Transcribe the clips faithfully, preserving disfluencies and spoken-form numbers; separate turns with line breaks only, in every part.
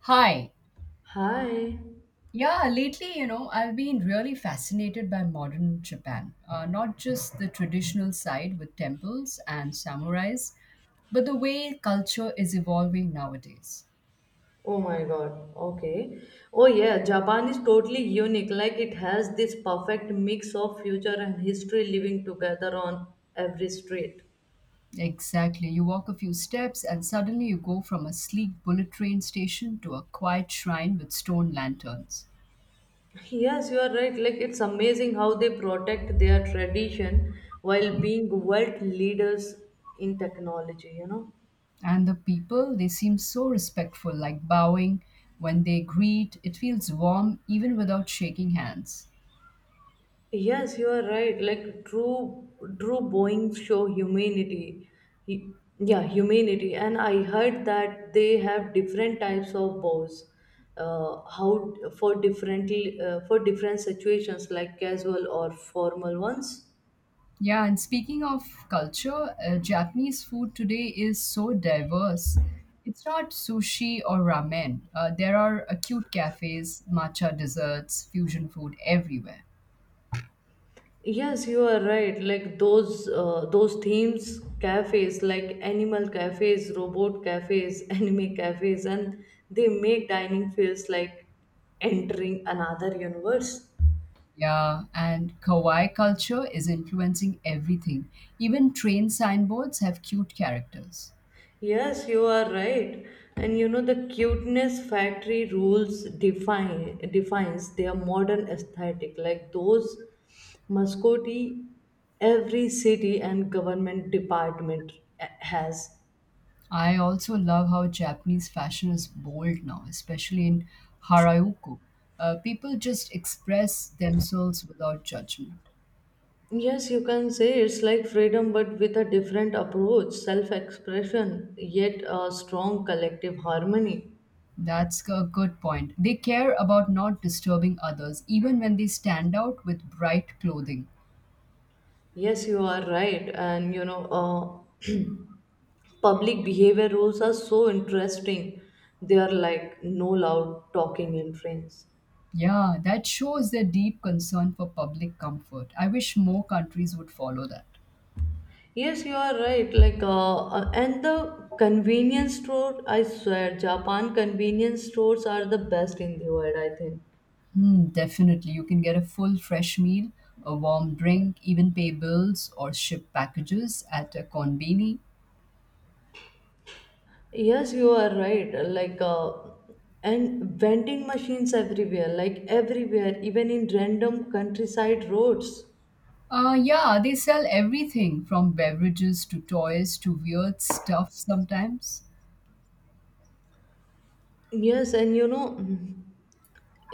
Hi.
Hi.
Yeah, lately, you know, I've been really fascinated by modern Japan. Uh, not just the traditional side with temples and samurais, but the way culture is evolving nowadays.
Oh my god. Okay. Oh yeah, Japan is totally unique. Like it has this perfect mix of future and history living together on every street.
Exactly. You walk a few steps and suddenly you go from a sleek bullet train station to a quiet shrine with stone lanterns.
Yes, you are right. Like it's amazing how they protect their tradition while being world leaders in technology, you know?
And the people, they seem so respectful, like bowing when they greet. It feels warm even without shaking hands.
Yes, you are right. Like Drew, Drew Boeing show humanity. He- yeah, humanity. And I heard that they have different types of bows. Uh, how for different uh, for different situations like casual or formal ones.
Yeah, and speaking of culture, uh, Japanese food today is so diverse. It's not sushi or ramen. Uh, there are acute cafes, matcha desserts, fusion food everywhere.
Yes, you are right. Like those uh, those themes cafes like animal cafes, robot cafes, anime cafes, and they make dining feels like entering another universe.
Yeah, and kawaii culture is influencing everything. Even train signboards have cute characters.
Yes, you are right. And you know the cuteness factory rules define defines their modern aesthetic. Like those mascotti, every city and government department eh, has.
I also love how Japanese fashion is bold now, especially in Harajuku. Uh, people just express themselves without judgment.
Yes, you can say it's like freedom, but with a different approach, self-expression, yet a strong collective harmony.
That's a good point. They care about not disturbing others, even when they stand out with bright clothing.
Yes, you are right, and you know. Uh, public behavior rules are so interesting. They are like no loud talking in trains.
Yeah, that shows their deep concern for public comfort. I wish more countries would follow that.
Yes, you are right. Like uh, uh, and the convenience store, I swear Japan convenience stores are the best in the world, I think.
Hmm, definitely. You can get a full fresh meal, a warm drink, even pay bills or ship packages at a conveni.
Yes, you are right. Like uh, and vending machines everywhere, like everywhere, even in random countryside roads.
Uh, yeah, they sell everything from beverages to toys to weird stuff sometimes.
Yes, and you know,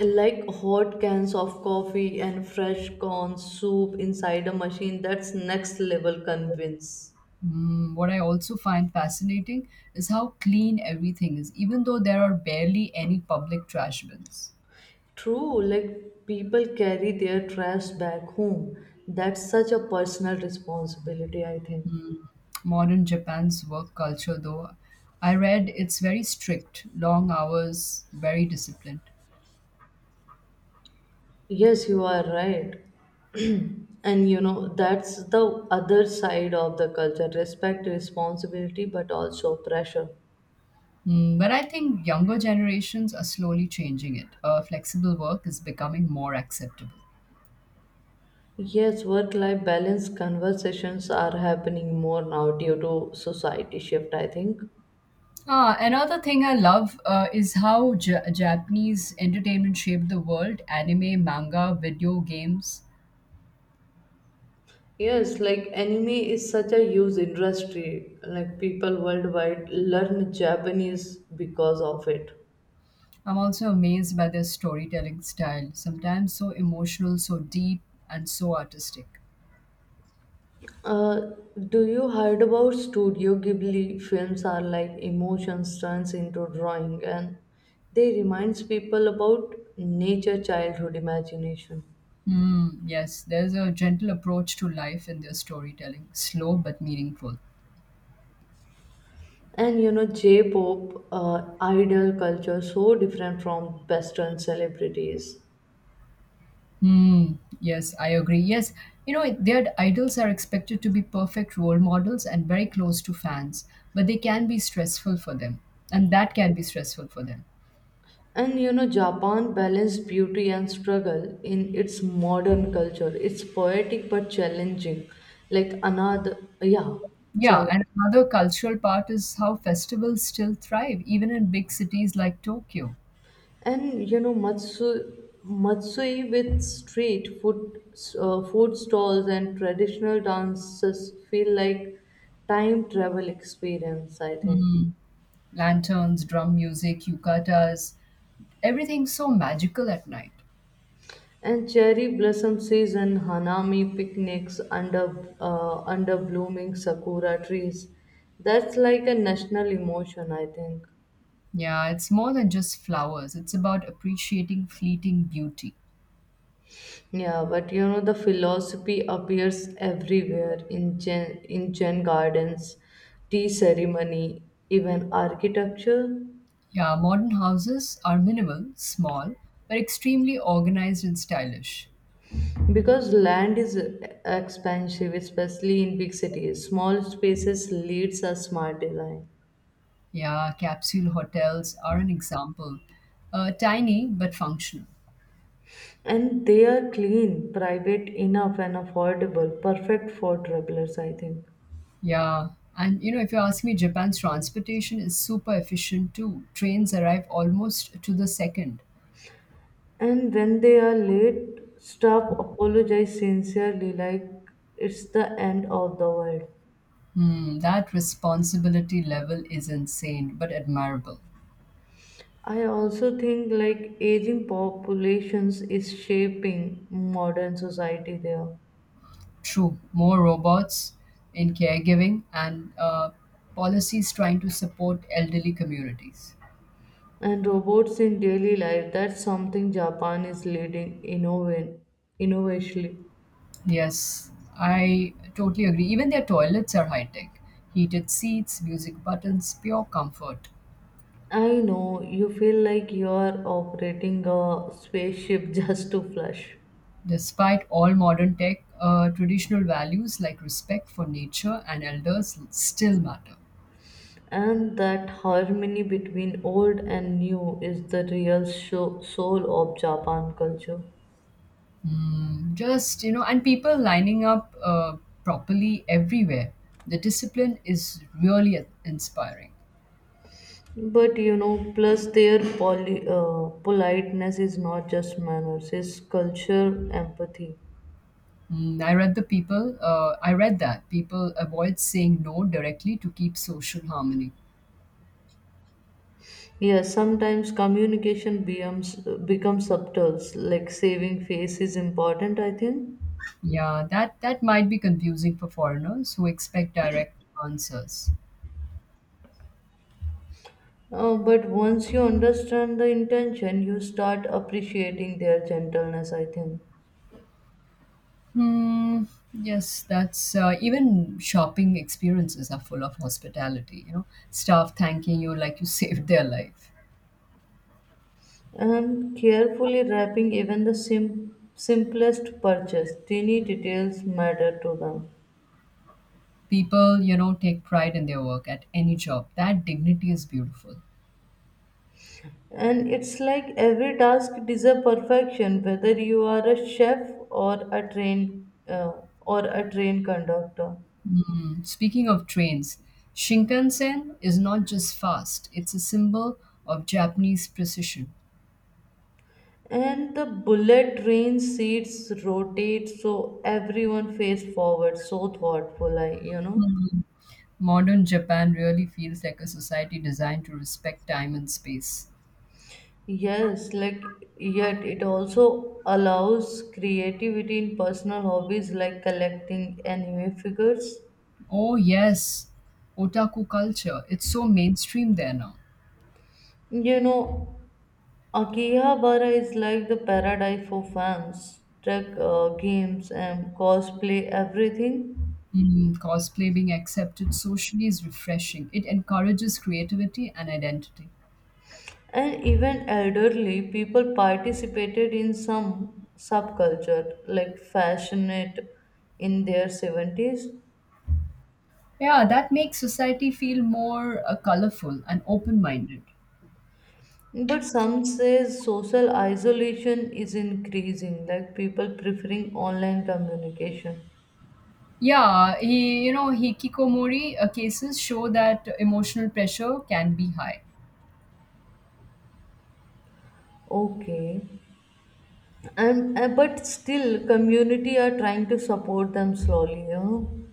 like hot cans of coffee and fresh corn soup inside a machine. That's next level convince.
Mm, what I also find fascinating is how clean everything is, even though there are barely any public trash bins.
True, like people carry their trash back home. That's such a personal responsibility, I think.
Mm, modern Japan's work culture, though, I read it's very strict, long hours, very disciplined.
Yes, you are right, and you know that's the other side of the culture: respect, responsibility, but also pressure.
Mm, but I think younger generations are slowly changing it. Uh, flexible work is becoming more acceptable.
Yes, work life balance conversations are happening more now due to society shift, I think.
Ah, another thing I love uh, is how Ja Japanese entertainment shaped the world anime, manga, video games.
Yes, like anime is such a huge industry. Like people worldwide learn Japanese because of it.
I'm also amazed by their storytelling style, sometimes so emotional, so deep, and so artistic.
Uh, do you heard about Studio Ghibli films are like emotions turns into drawing, and they reminds people about nature, childhood, imagination.
Hmm, yes, there's a gentle approach to life in their storytelling, slow but meaningful.
And you know, J-pop, uh, idol culture so different from Western celebrities.
Hmm, yes, I agree. Yes, you know, their idols are expected to be perfect role models and very close to fans, but they can be stressful for them, and that can be stressful for them.
And you know, Japan balanced beauty and struggle in its modern culture. It's poetic but challenging. Like another, yeah,
Yeah,
challenge.
and another cultural part is how festivals still thrive, even in big cities like Tokyo.
And you know, Matsu, Matsui with street food, uh, food stalls and traditional dances feel like time travel experience, I think.
Hmm. Lanterns, drum music, yukatas, everything's so magical at night.
And cherry blossom season, hanami picnics under uh, under blooming sakura trees. That's like a national emotion, I think.
Yeah, it's more than just flowers, it's about appreciating fleeting beauty.
Yeah, but you know the philosophy appears everywhere in gen in Zen gardens, tea ceremony, even architecture.
Yeah, modern houses are minimal, small, but extremely organized and stylish.
Because land is expansive, especially in big cities. Small spaces leads a smart design.
Yeah, capsule hotels are an example. Uh, tiny but functional.
And they are clean, private enough, and affordable. Perfect for travelers, I think.
Yeah. And you know, if you ask me, Japan's transportation is super efficient too. Trains arrive almost to the second.
And when they are late, stop, apologize sincerely, like it's the end of the world.
Hmm, that responsibility level is insane but admirable.
I also think like aging populations is shaping modern society there.
True, more robots in caregiving and uh, policies trying to support elderly communities.
And robots in daily life, that's something Japan is leading innov- innovatively.
Yes, I totally agree. Even their toilets are high tech heated seats, music buttons, pure comfort.
I know you feel like you're operating a spaceship just to flush.
Despite all modern tech, uh, traditional values like respect for nature and elders still matter.
And that harmony between old and new is the real sho- soul of Japan culture.
Mm, just, you know, and people lining up uh, properly everywhere. The discipline is really inspiring.
But you know, plus their poly, uh, politeness is not just manners, it's culture empathy.
Mm, I read the people, uh, I read that people avoid saying no directly to keep social harmony.
Yes, sometimes communication becomes, becomes subtle, like saving face is important, I think.
Yeah, that, that might be confusing for foreigners who expect direct answers.
Uh, but once you understand the intention, you start appreciating their gentleness, I think.
Hmm. Yes, that's uh, even shopping experiences are full of hospitality. You know, staff thanking you like you saved their life.
And carefully wrapping even the sim- simplest purchase, tiny details matter to them.
People, you know, take pride in their work at any job. That dignity is beautiful.
And it's like every task deserves perfection, whether you are a chef or a train uh, or a train conductor.
Speaking of trains, shinkansen is not just fast, it's a symbol of Japanese precision.
And the bullet train seats rotate so everyone face forward, so thoughtful, I you know.
Modern Japan really feels like a society designed to respect time and space.
Yes, like yet it also allows creativity in personal hobbies like collecting anime figures.
Oh yes, otaku culture, it's so mainstream there now.
You know, Akihabara is like the paradise for fans, tech uh, games and cosplay, everything.
Mm, cosplay being accepted socially is refreshing. It encourages creativity and identity.
And even elderly people participated in some subculture like fashionette in their seventies.
Yeah, that makes society feel more uh, colorful and open-minded.
But some say social isolation is increasing, like people preferring online communication.
Yeah, he, you know, hikikomori uh, cases show that emotional pressure can be high.
Okay, and uh, but still, community are trying to support them slowly, you know.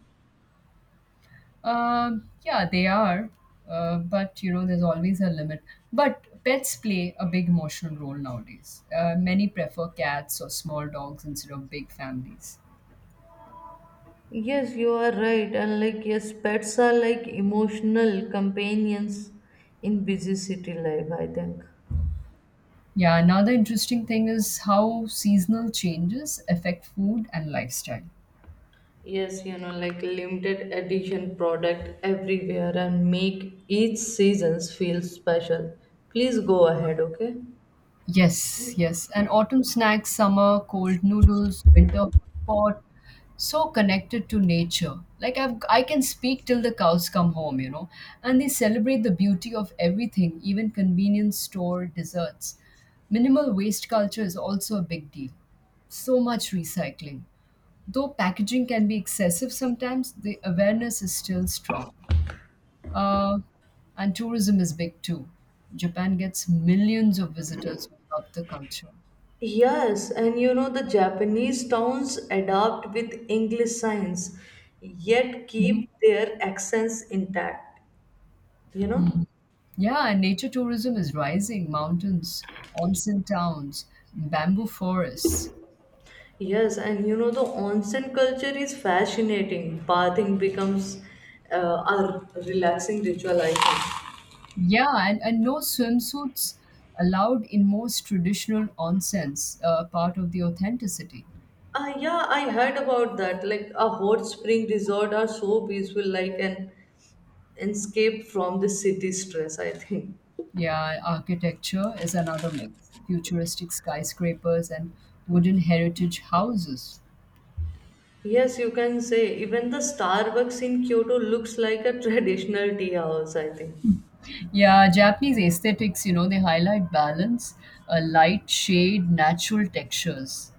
Um, yeah, they are, uh, but you know, there's always a limit. But pets play a big emotional role nowadays. Uh, many prefer cats or small dogs instead of big families.
Yes, you are right, and like yes, pets are like emotional companions in busy city life, I think.
Yeah, another interesting thing is how seasonal changes affect food and lifestyle.
Yes, you know, like limited edition product everywhere and make each seasons feel special. Please go ahead, okay?
Yes, yes. And autumn snacks, summer cold noodles, winter hot pot, so connected to nature. Like I've, I can speak till the cows come home, you know. And they celebrate the beauty of everything, even convenience store desserts. Minimal waste culture is also a big deal. So much recycling. Though packaging can be excessive sometimes, the awareness is still strong. Uh, and tourism is big too. Japan gets millions of visitors who love the culture.
Yes, and you know the Japanese towns adapt with English signs, yet
Mhm.
keep their accents intact, you know?
Mm. Yeah, and nature tourism is rising. Mountains, onsen towns, bamboo forests.
Yes, and you know the onsen culture is fascinating. Bathing becomes uh, a relaxing ritual, I think.
Yeah, and, and no swimsuits allowed in most traditional onsens, uh, part of the authenticity.
Uh, yeah, I heard about that. Like a hot spring resort are so peaceful, like an escape from the city stress, I think.
Yeah, architecture is another mix. Futuristic skyscrapers and wooden heritage houses.
Yes, you can say even the Starbucks in Kyoto looks like a traditional tea house, I think.
Yeah, Japanese aesthetics, you know, they highlight balance, a light shade, natural textures.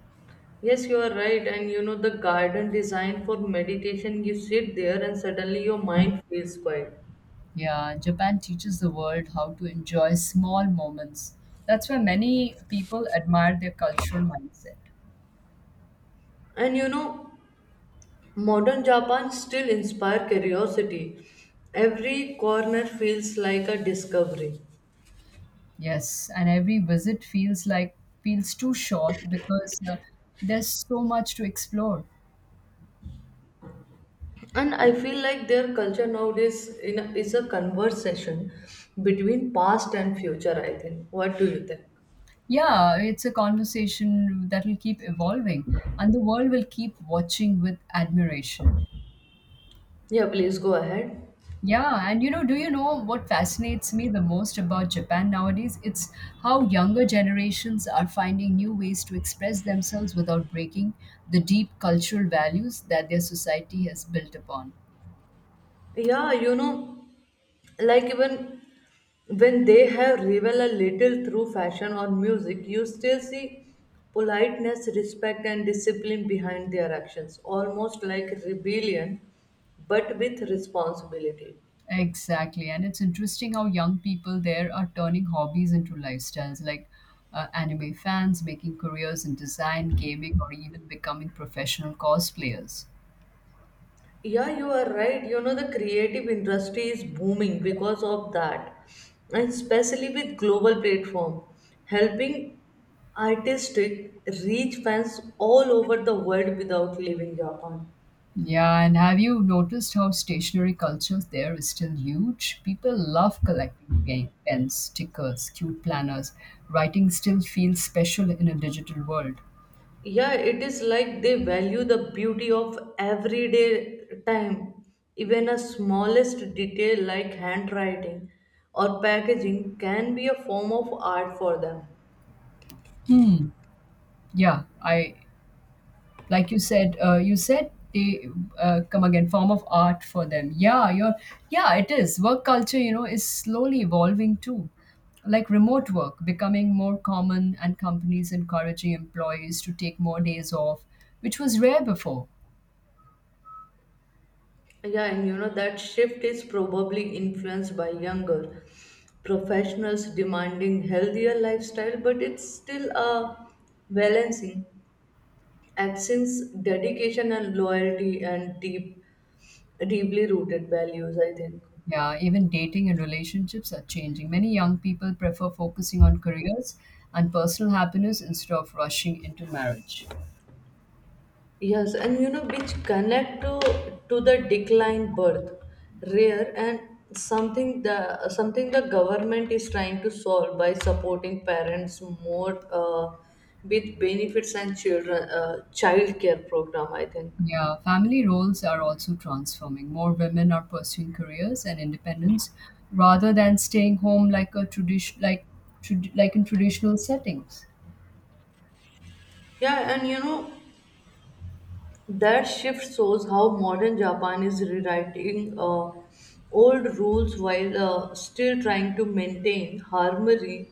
Yes, you are right. And you know, the garden designed for meditation, you sit there and suddenly your mind feels quiet.
Yeah, Japan teaches the world how to enjoy small moments. That's why many people admire their cultural mindset.
And you know, modern Japan still inspire curiosity. Every corner feels like a discovery.
Yes, and every visit feels like feels too short because uh, there's so much to explore.
And I feel like their culture nowadays in a, is a conversation between past and future, I think. What do you think?
Yeah, it's a conversation that will keep evolving, and the world will keep watching with admiration.
Yeah, please go ahead.
Yeah, and you know, do you know what fascinates me the most about Japan nowadays? It's how younger generations are finding new ways to express themselves without breaking the deep cultural values that their society has built upon.
Yeah, you know, like even when they have revel a little through fashion or music, you still see politeness, respect, and discipline behind their actions, almost like rebellion, but with responsibility.
Exactly, and it's interesting how young people there are turning hobbies into lifestyles, like uh, anime fans making careers in design, gaming, or even becoming professional cosplayers.
Yeah, you are right. You know, the creative industry is booming because of that, and especially with global platform, helping artistic reach fans all over the world without leaving Japan.
Yeah, and have you noticed how stationery culture there is still huge? People love collecting pen, pens, stickers, cute planners. Writing still feels special in a digital world.
Yeah, it is like they value the beauty of everyday time, even a smallest detail like handwriting or packaging can be a form of art for them.
Yeah, I like you said. Uh, you said they uh, come again form of art for them. Yeah, you're. Yeah, it is. Work culture, you know, is slowly evolving too. Like remote work becoming more common, and companies encouraging employees to take more days off, which was rare before.
Yeah, and you know that shift is probably influenced by younger professionals demanding healthier lifestyle, but it's still a balancing actions dedication and loyalty, and deep deeply rooted values, I think.
Yeah, even dating and relationships are changing. Many young people prefer focusing on careers and personal happiness instead of rushing into marriage.
Yes, and you know which connect to to the decline birth, rare, and something the something the government is trying to solve by supporting parents more uh, with benefits and children uh, child care program, I think.
Yeah, family roles are also transforming. More women are pursuing careers and independence rather than staying home like a tradition like trad- like in traditional settings.
Yeah, and you know, that shift shows how modern Japan is rewriting uh, old rules while uh, still trying to maintain harmony,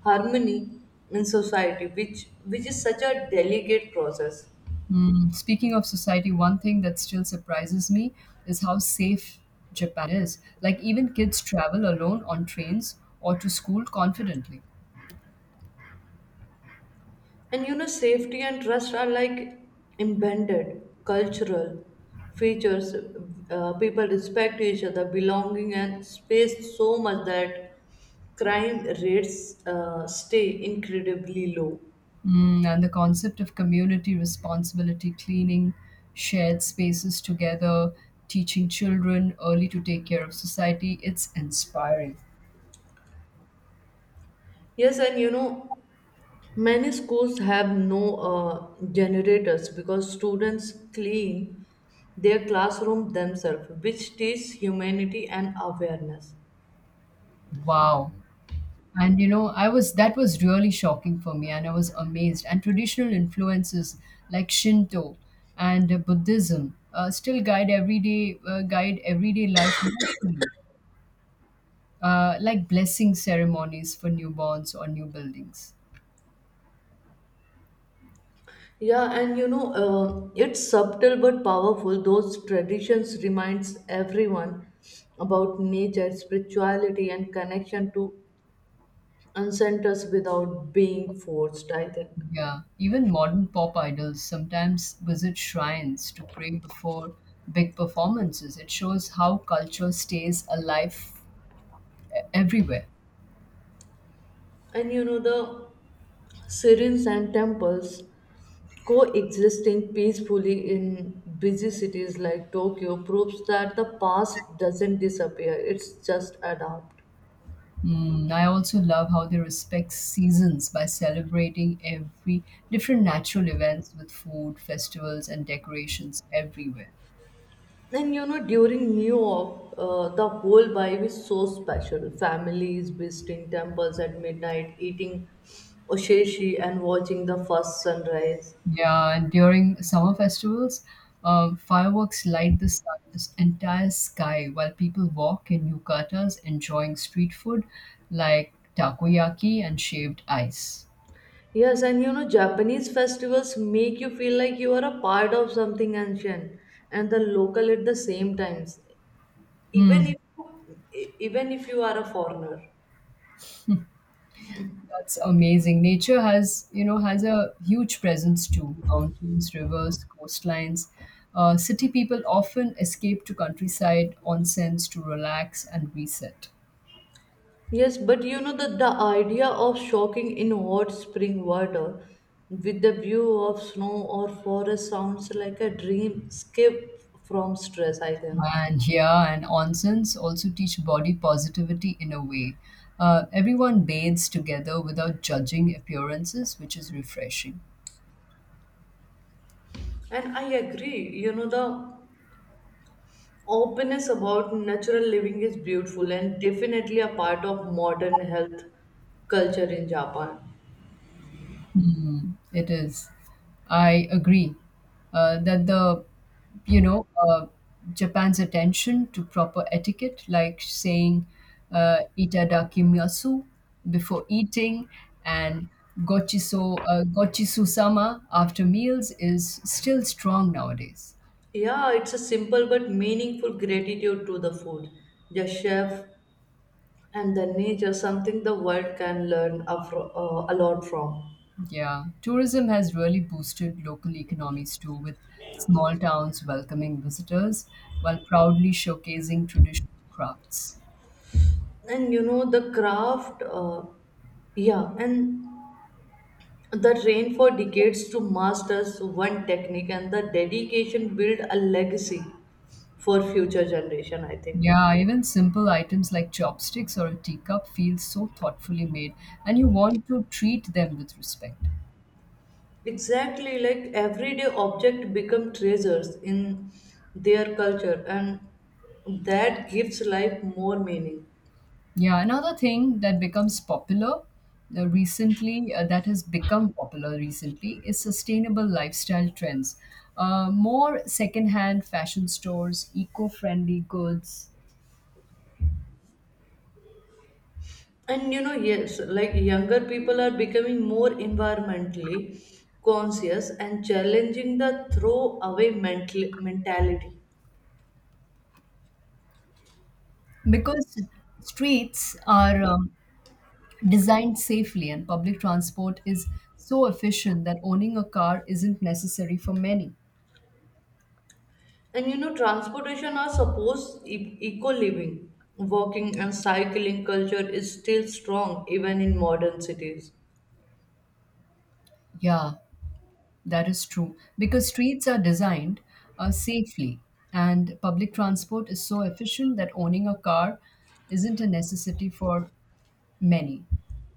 harmony in society, which which is such a delicate process.
Mm, speaking of society, one thing that still surprises me is how safe Japan is. Like even kids travel alone on trains or to school confidently.
And you know, safety and trust are like embedded cultural features. Uh, people respect each other, belonging, and space so much that crime rates uh, stay incredibly low.
Mm, and the concept of community responsibility, cleaning shared spaces together, teaching children early to take care of society, it's inspiring.
Yes, and you know, many schools have no uh, generators because students clean their classroom themselves, which teach humanity and awareness.
Wow. And you know, I was that was really shocking for me, and I was amazed. And traditional influences like Shinto and uh, Buddhism uh, still guide everyday uh, guide everyday life, uh, like blessing ceremonies for newborns or new buildings.
Yeah, and you know, uh, it's subtle but powerful. Those traditions reminds everyone about nature, spirituality, and connection to ancestors without being forced, I think.
Yeah, even modern pop idols sometimes visit shrines to pray before big performances. It shows how culture stays alive everywhere.
And you know, the serene and temples coexisting peacefully in busy cities like Tokyo proves that the past doesn't disappear, it's just adapt.
Mm, I also love how they respect seasons by celebrating every different natural events with food, festivals, and decorations everywhere.
And you know, during New York, uh, the whole vibe is so special. Families visiting temples at midnight, eating oshishi, and watching the first sunrise.
Yeah, and during summer festivals, um, fireworks light the sun's entire sky while people walk in yukatas enjoying street food like takoyaki and shaved ice.
Yes, and you know, Japanese festivals make you feel like you are a part of something ancient and the local at the same times. Even
Hmm,
if e- even if you are a foreigner.
that's amazing. Nature has, you know, has a huge presence too. Mountains, rivers, coastlines. Uh, city people often escape to countryside onsens to relax and reset.
Yes, but you know that the idea of shocking in hot spring water with the view of snow or forest sounds like a dream escape from stress, I think.
And Yeah, and onsens also teach body positivity in a way. Uh, everyone bathes together without judging appearances, which is refreshing.
And I agree, you know, the openness about natural living is beautiful and definitely a part of modern health culture in Japan.
Mm, it is. I agree uh, that the, you know, uh, Japan's attention to proper etiquette, like saying uh, itadakimasu before eating and gochiso, uh, gochisu-sama after meals, is still strong nowadays.
Yeah, it's a simple but meaningful gratitude to the food, the chef, and the nature, something the world can learn a, fro- uh, a lot from.
Yeah, tourism has really boosted local economies too, with small towns welcoming visitors while proudly showcasing traditional crafts.
And you know the craft uh, yeah, and the train for decades to masters one technique, and the dedication build a legacy for future generation, I think.
Yeah, even simple items like chopsticks or a teacup feel so thoughtfully made, and you want to treat them with respect.
Exactly, like everyday object become treasures in their culture, and that gives life more meaning.
Yeah, another thing that becomes popular uh, recently, uh, that has become popular recently, is sustainable lifestyle trends. Uh, more secondhand fashion stores, eco friendly goods,
And you know, yes, like younger people are becoming more environmentally conscious and challenging the throwaway mental mentality.
because streets are um, designed safely and public transport is so efficient that owning a car isn't necessary for many.
And you know transportation are supposed e- eco living walking and cycling culture is still strong even in modern cities.
Yeah, that is true. Because streets are designed uh, safely, and public transport is so efficient that owning a car isn't a necessity for many.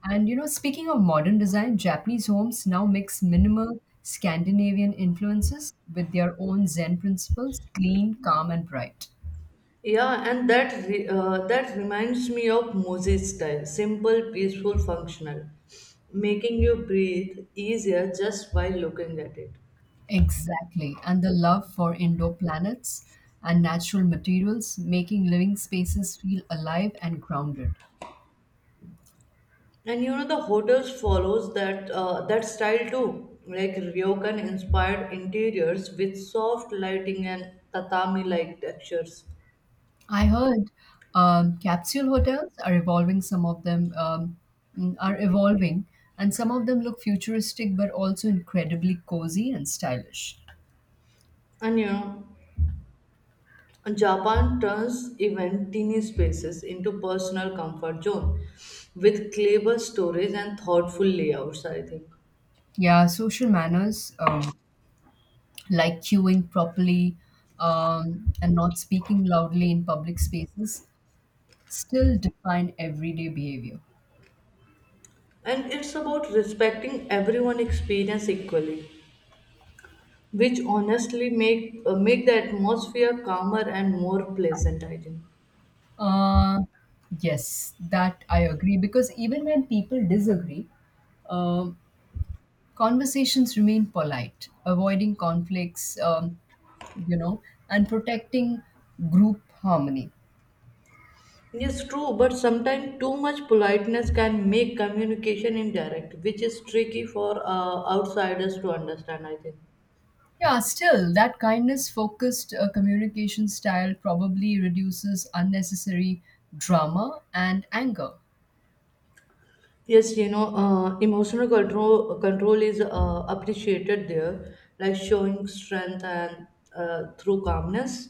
And you know, speaking of modern design, Japanese homes now mix minimal Scandinavian influences with their own Zen principles clean, calm, and bright.
Yeah, and that re- uh, that reminds me of moses style simple peaceful functional making you breathe easier just by looking at it.
Exactly. And the love for indoor planets and natural materials, making living spaces feel alive and grounded.
And you know the hotels follows that uh, that style too, like ryokan inspired interiors with soft lighting and tatami-like textures.
I heard um, capsule hotels are evolving, some of them um, mm, are evolving, and some of them look futuristic but also incredibly cozy and stylish.
And you know, Japan turns even teeny spaces into personal comfort zone with clever stories and thoughtful layouts, I think.
Yeah, social manners um, like queuing properly um, and not speaking loudly in public spaces still define everyday behavior.
And it's about respecting everyone experience equally, which honestly make uh, make the atmosphere calmer and more pleasant, I think.
Uh, yes, that I agree because even when people disagree, um, conversations remain polite, avoiding conflicts, um, you know, and protecting group harmony.
Yes, true, but sometimes too much politeness can make communication indirect, which is tricky for uh, outsiders to understand, I think.
Yeah, still, that kindness focused uh, communication style probably reduces unnecessary drama and anger.
Yes, you know, uh, emotional control control is uh, appreciated there, like showing strength and uh, through calmness.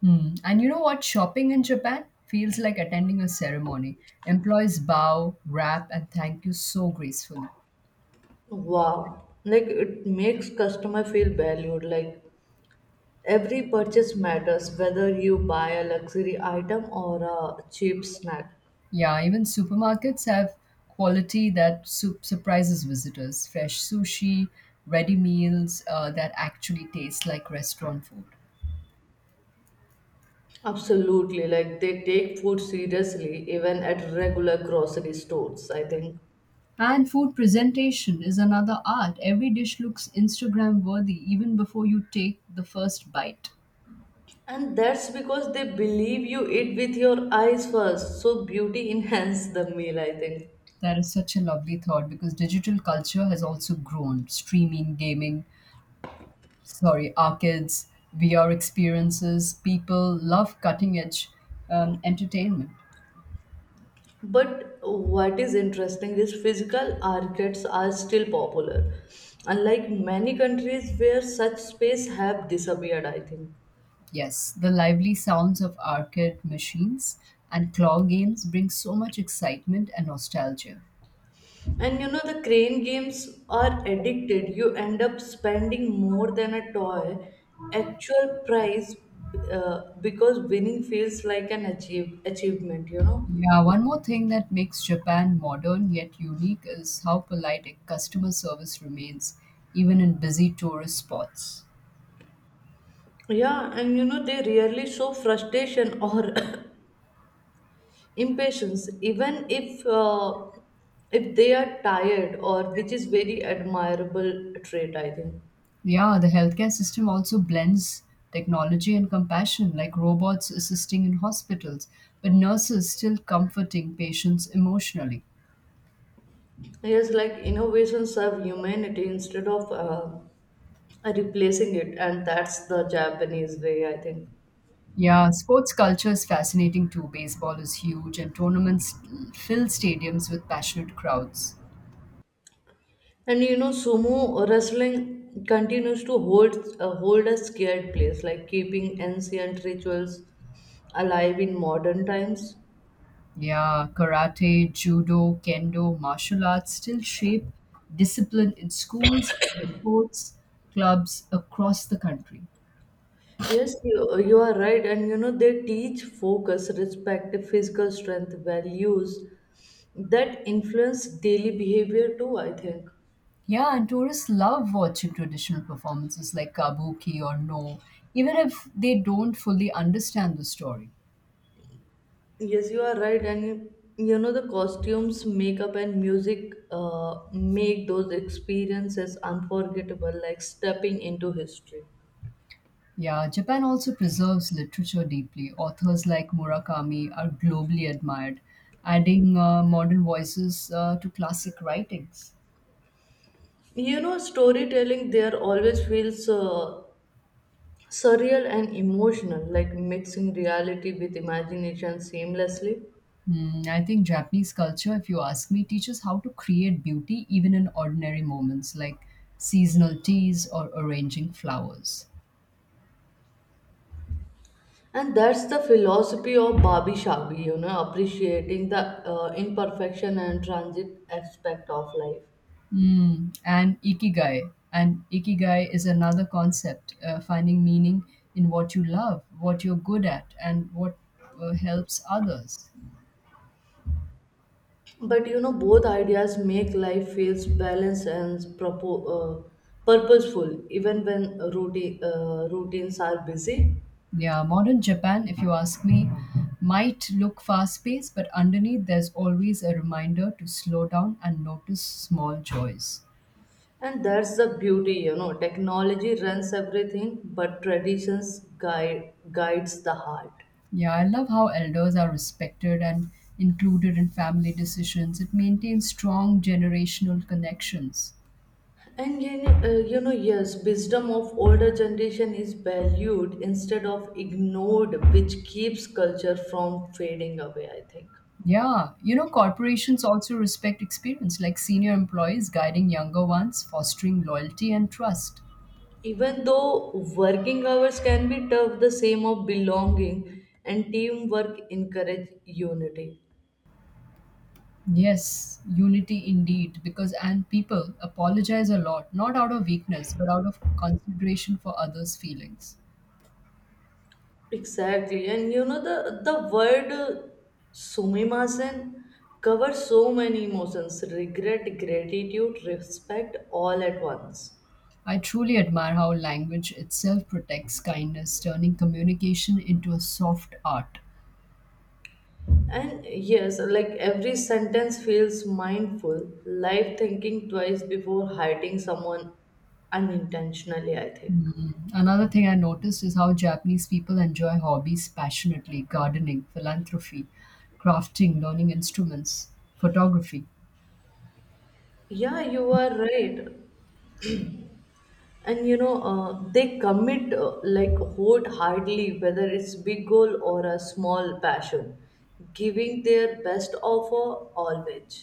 Hmm. And you know what? Shopping in Japan feels like attending a ceremony. Employees bow, wrap, and thank you so gracefully.
Wow, like it makes customer feel valued. Like every purchase matters, whether you buy a luxury item or a cheap snack.
Yeah, even supermarkets have quality that su- surprises visitors. Fresh sushi, ready meals uh, that actually taste like restaurant food.
Absolutely, like they take food seriously even at regular grocery stores, I think.
And food presentation is another art. Every dish looks Instagram worthy even before you take the first bite.
And that's because they believe you eat with your eyes first, so beauty enhances the meal, I think.
That is such a lovely thought because digital culture has also grown. Streaming, gaming, sorry, arcades, V R experiences. People love cutting edge um, entertainment.
But what is interesting is physical arcades are still popular, unlike many countries where such space have disappeared, I think.
Yes, the lively sounds of arcade machines and claw games bring so much excitement and nostalgia.
And you know, the crane games are addicted. You end up spending more than a toy actual price uh, because winning feels like an achieve, achievement, you know.
Yeah, one more thing that makes Japan modern yet unique is how polite a customer service remains, even in busy tourist spots.
Yeah, and you know, they rarely show frustration or impatience, even if uh, if they are tired or which is very admirable trait, I think.
Yeah, the healthcare system also blends technology and compassion, like robots assisting in hospitals, but nurses still comforting patients emotionally.
Yes, like innovation serve humanity instead of uh, uh, replacing it, and that's the Japanese way, I think.
Yeah, sports culture is fascinating too. Baseball is huge, and tournaments fill stadiums with passionate crowds.
And you know, sumo wrestling continues to hold uh, hold a scared place, like keeping ancient rituals alive in modern times.
Yeah, karate, judo, kendo, martial arts still shape discipline in schools and sports clubs across the country.
yes you, you are right, and you know, they teach focus, respect, physical strength, values that influence daily behavior too, I think.
Yeah, and tourists love watching traditional performances like kabuki or no, even if they don't fully understand the story.
Yes, you are right, and you know the costumes, makeup, and music uh, make those experiences unforgettable, like stepping into history.
Yeah, Japan also preserves literature deeply. Authors like Murakami are globally admired, adding uh, modern voices uh, to classic writings.
You know, storytelling there always feels uh, surreal and emotional, like mixing reality with imagination seamlessly.
Hmm, I think Japanese culture, if you ask me, teaches how to create beauty even in ordinary moments like seasonal teas or arranging flowers.
And that's the philosophy of Babi Shabi, you know, appreciating the uh, imperfection and transit aspect of life.
Hmm, and ikigai. And ikigai is another concept, uh, finding meaning in what you love, what you're good at, and what uh, helps others.
But you know, both ideas make life feels balanced and propo- uh, purposeful, even when routine, uh, routines are busy.
Yeah, modern Japan, if you ask me, might look fast paced, but underneath there's always a reminder to slow down and notice small joys.
And that's the beauty, you know. Technology runs everything, but traditions guide guides the heart.
Yeah, I love how elders are respected and included in family decisions. It maintains strong generational connections.
And you know, uh, you know yes, wisdom of older generation is valued instead of ignored, which keeps culture from fading away, I think.
Yeah, you know, corporations also respect experience, like senior employees guiding younger ones, fostering loyalty and trust.
Even though working hours can be tough, the same of belonging and teamwork encourage unity.
Yes, unity indeed, because and people apologize a lot, not out of weakness, but out of consideration for others' feelings.
Exactly, and you know, the the word uh, sumimasen covers so many emotions: regret, gratitude, respect, all at once.
I truly admire how language itself protects kindness, turning communication into a soft art.
And yes, like every sentence feels mindful, life thinking twice before hurting someone unintentionally, I think.
Hmm. Another thing I noticed is how Japanese people enjoy hobbies passionately gardening, philanthropy, crafting, learning instruments, photography.
Yeah, you are right. And you know, uh, they commit uh, like wholeheartedly, whether it's big goal or a small passion, giving their best offer always.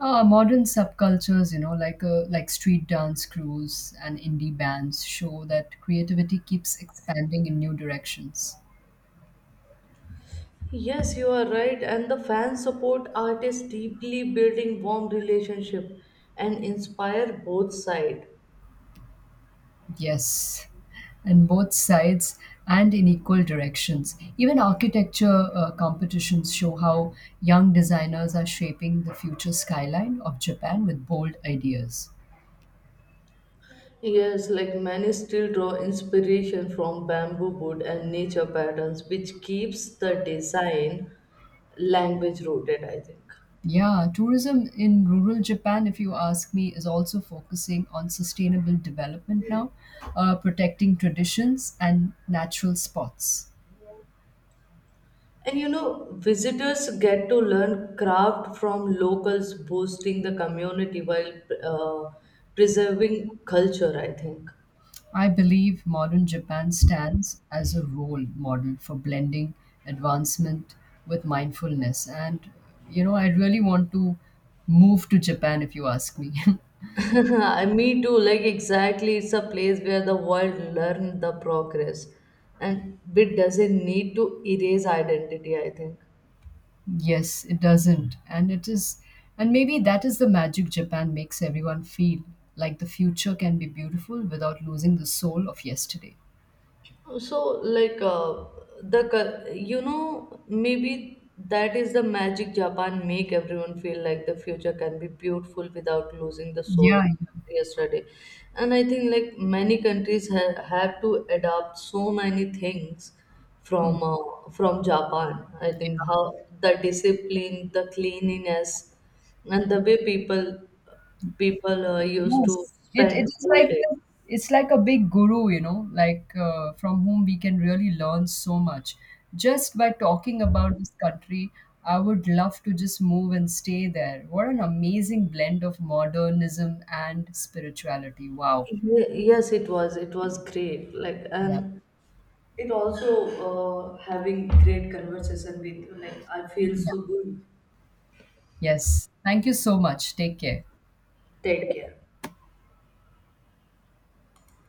Uh, modern subcultures, you know, like uh, like street dance crews and indie bands show that creativity keeps expanding in new directions.
Yes, you are right, and the fans support artists deeply, building warm relationship and inspire both sides.
Yes, in both sides and in equal directions. Even architecture uh, competitions show how young designers are shaping the future skyline of Japan with bold ideas.
Yes, like many still draw inspiration from bamboo wood and nature patterns, which keeps the design language rooted, I think.
Yeah, tourism in rural Japan, if you ask me, is also focusing on sustainable development now, uh, protecting traditions and natural spots.
And you know, visitors get to learn craft from locals, boosting the community while uh, preserving culture, I think.
I believe modern Japan stands as a role model for blending advancement with mindfulness. And, you know, I really want to move to Japan if you ask me.
I- Me too, like exactly, it's a place where the world learn the progress and it doesn't need to erase identity, I think.
Yes, it doesn't. And it is, and maybe that is the magic Japan makes everyone feel like the future can be beautiful without losing the soul of yesterday.
So, like uh, the cul- you know, maybe that is the magic Japan make everyone feel, like the future can be beautiful without losing the soul
Yeah.
of yesterday. And I think, like, many countries ha- have to adapt so many things
Yeah. Mm,
from uh, from Japan, I think.
yeah.
How the discipline, the cleanliness, and the way people people uh, used to
Yes. It, it
spend
is
whole
like,
day.
the- it's like a big guru, you know, like uh, from whom we can really learn so much. Just by talking about this country, I would love to just move and stay there. What an amazing blend of modernism and spirituality. Wow.
Ye- Yes, it was. It was great. Like,
Yeah.
and it also, uh, having great conversation with you. Like, I feel so good.
Yes. Thank you so much. Take care.
Take care.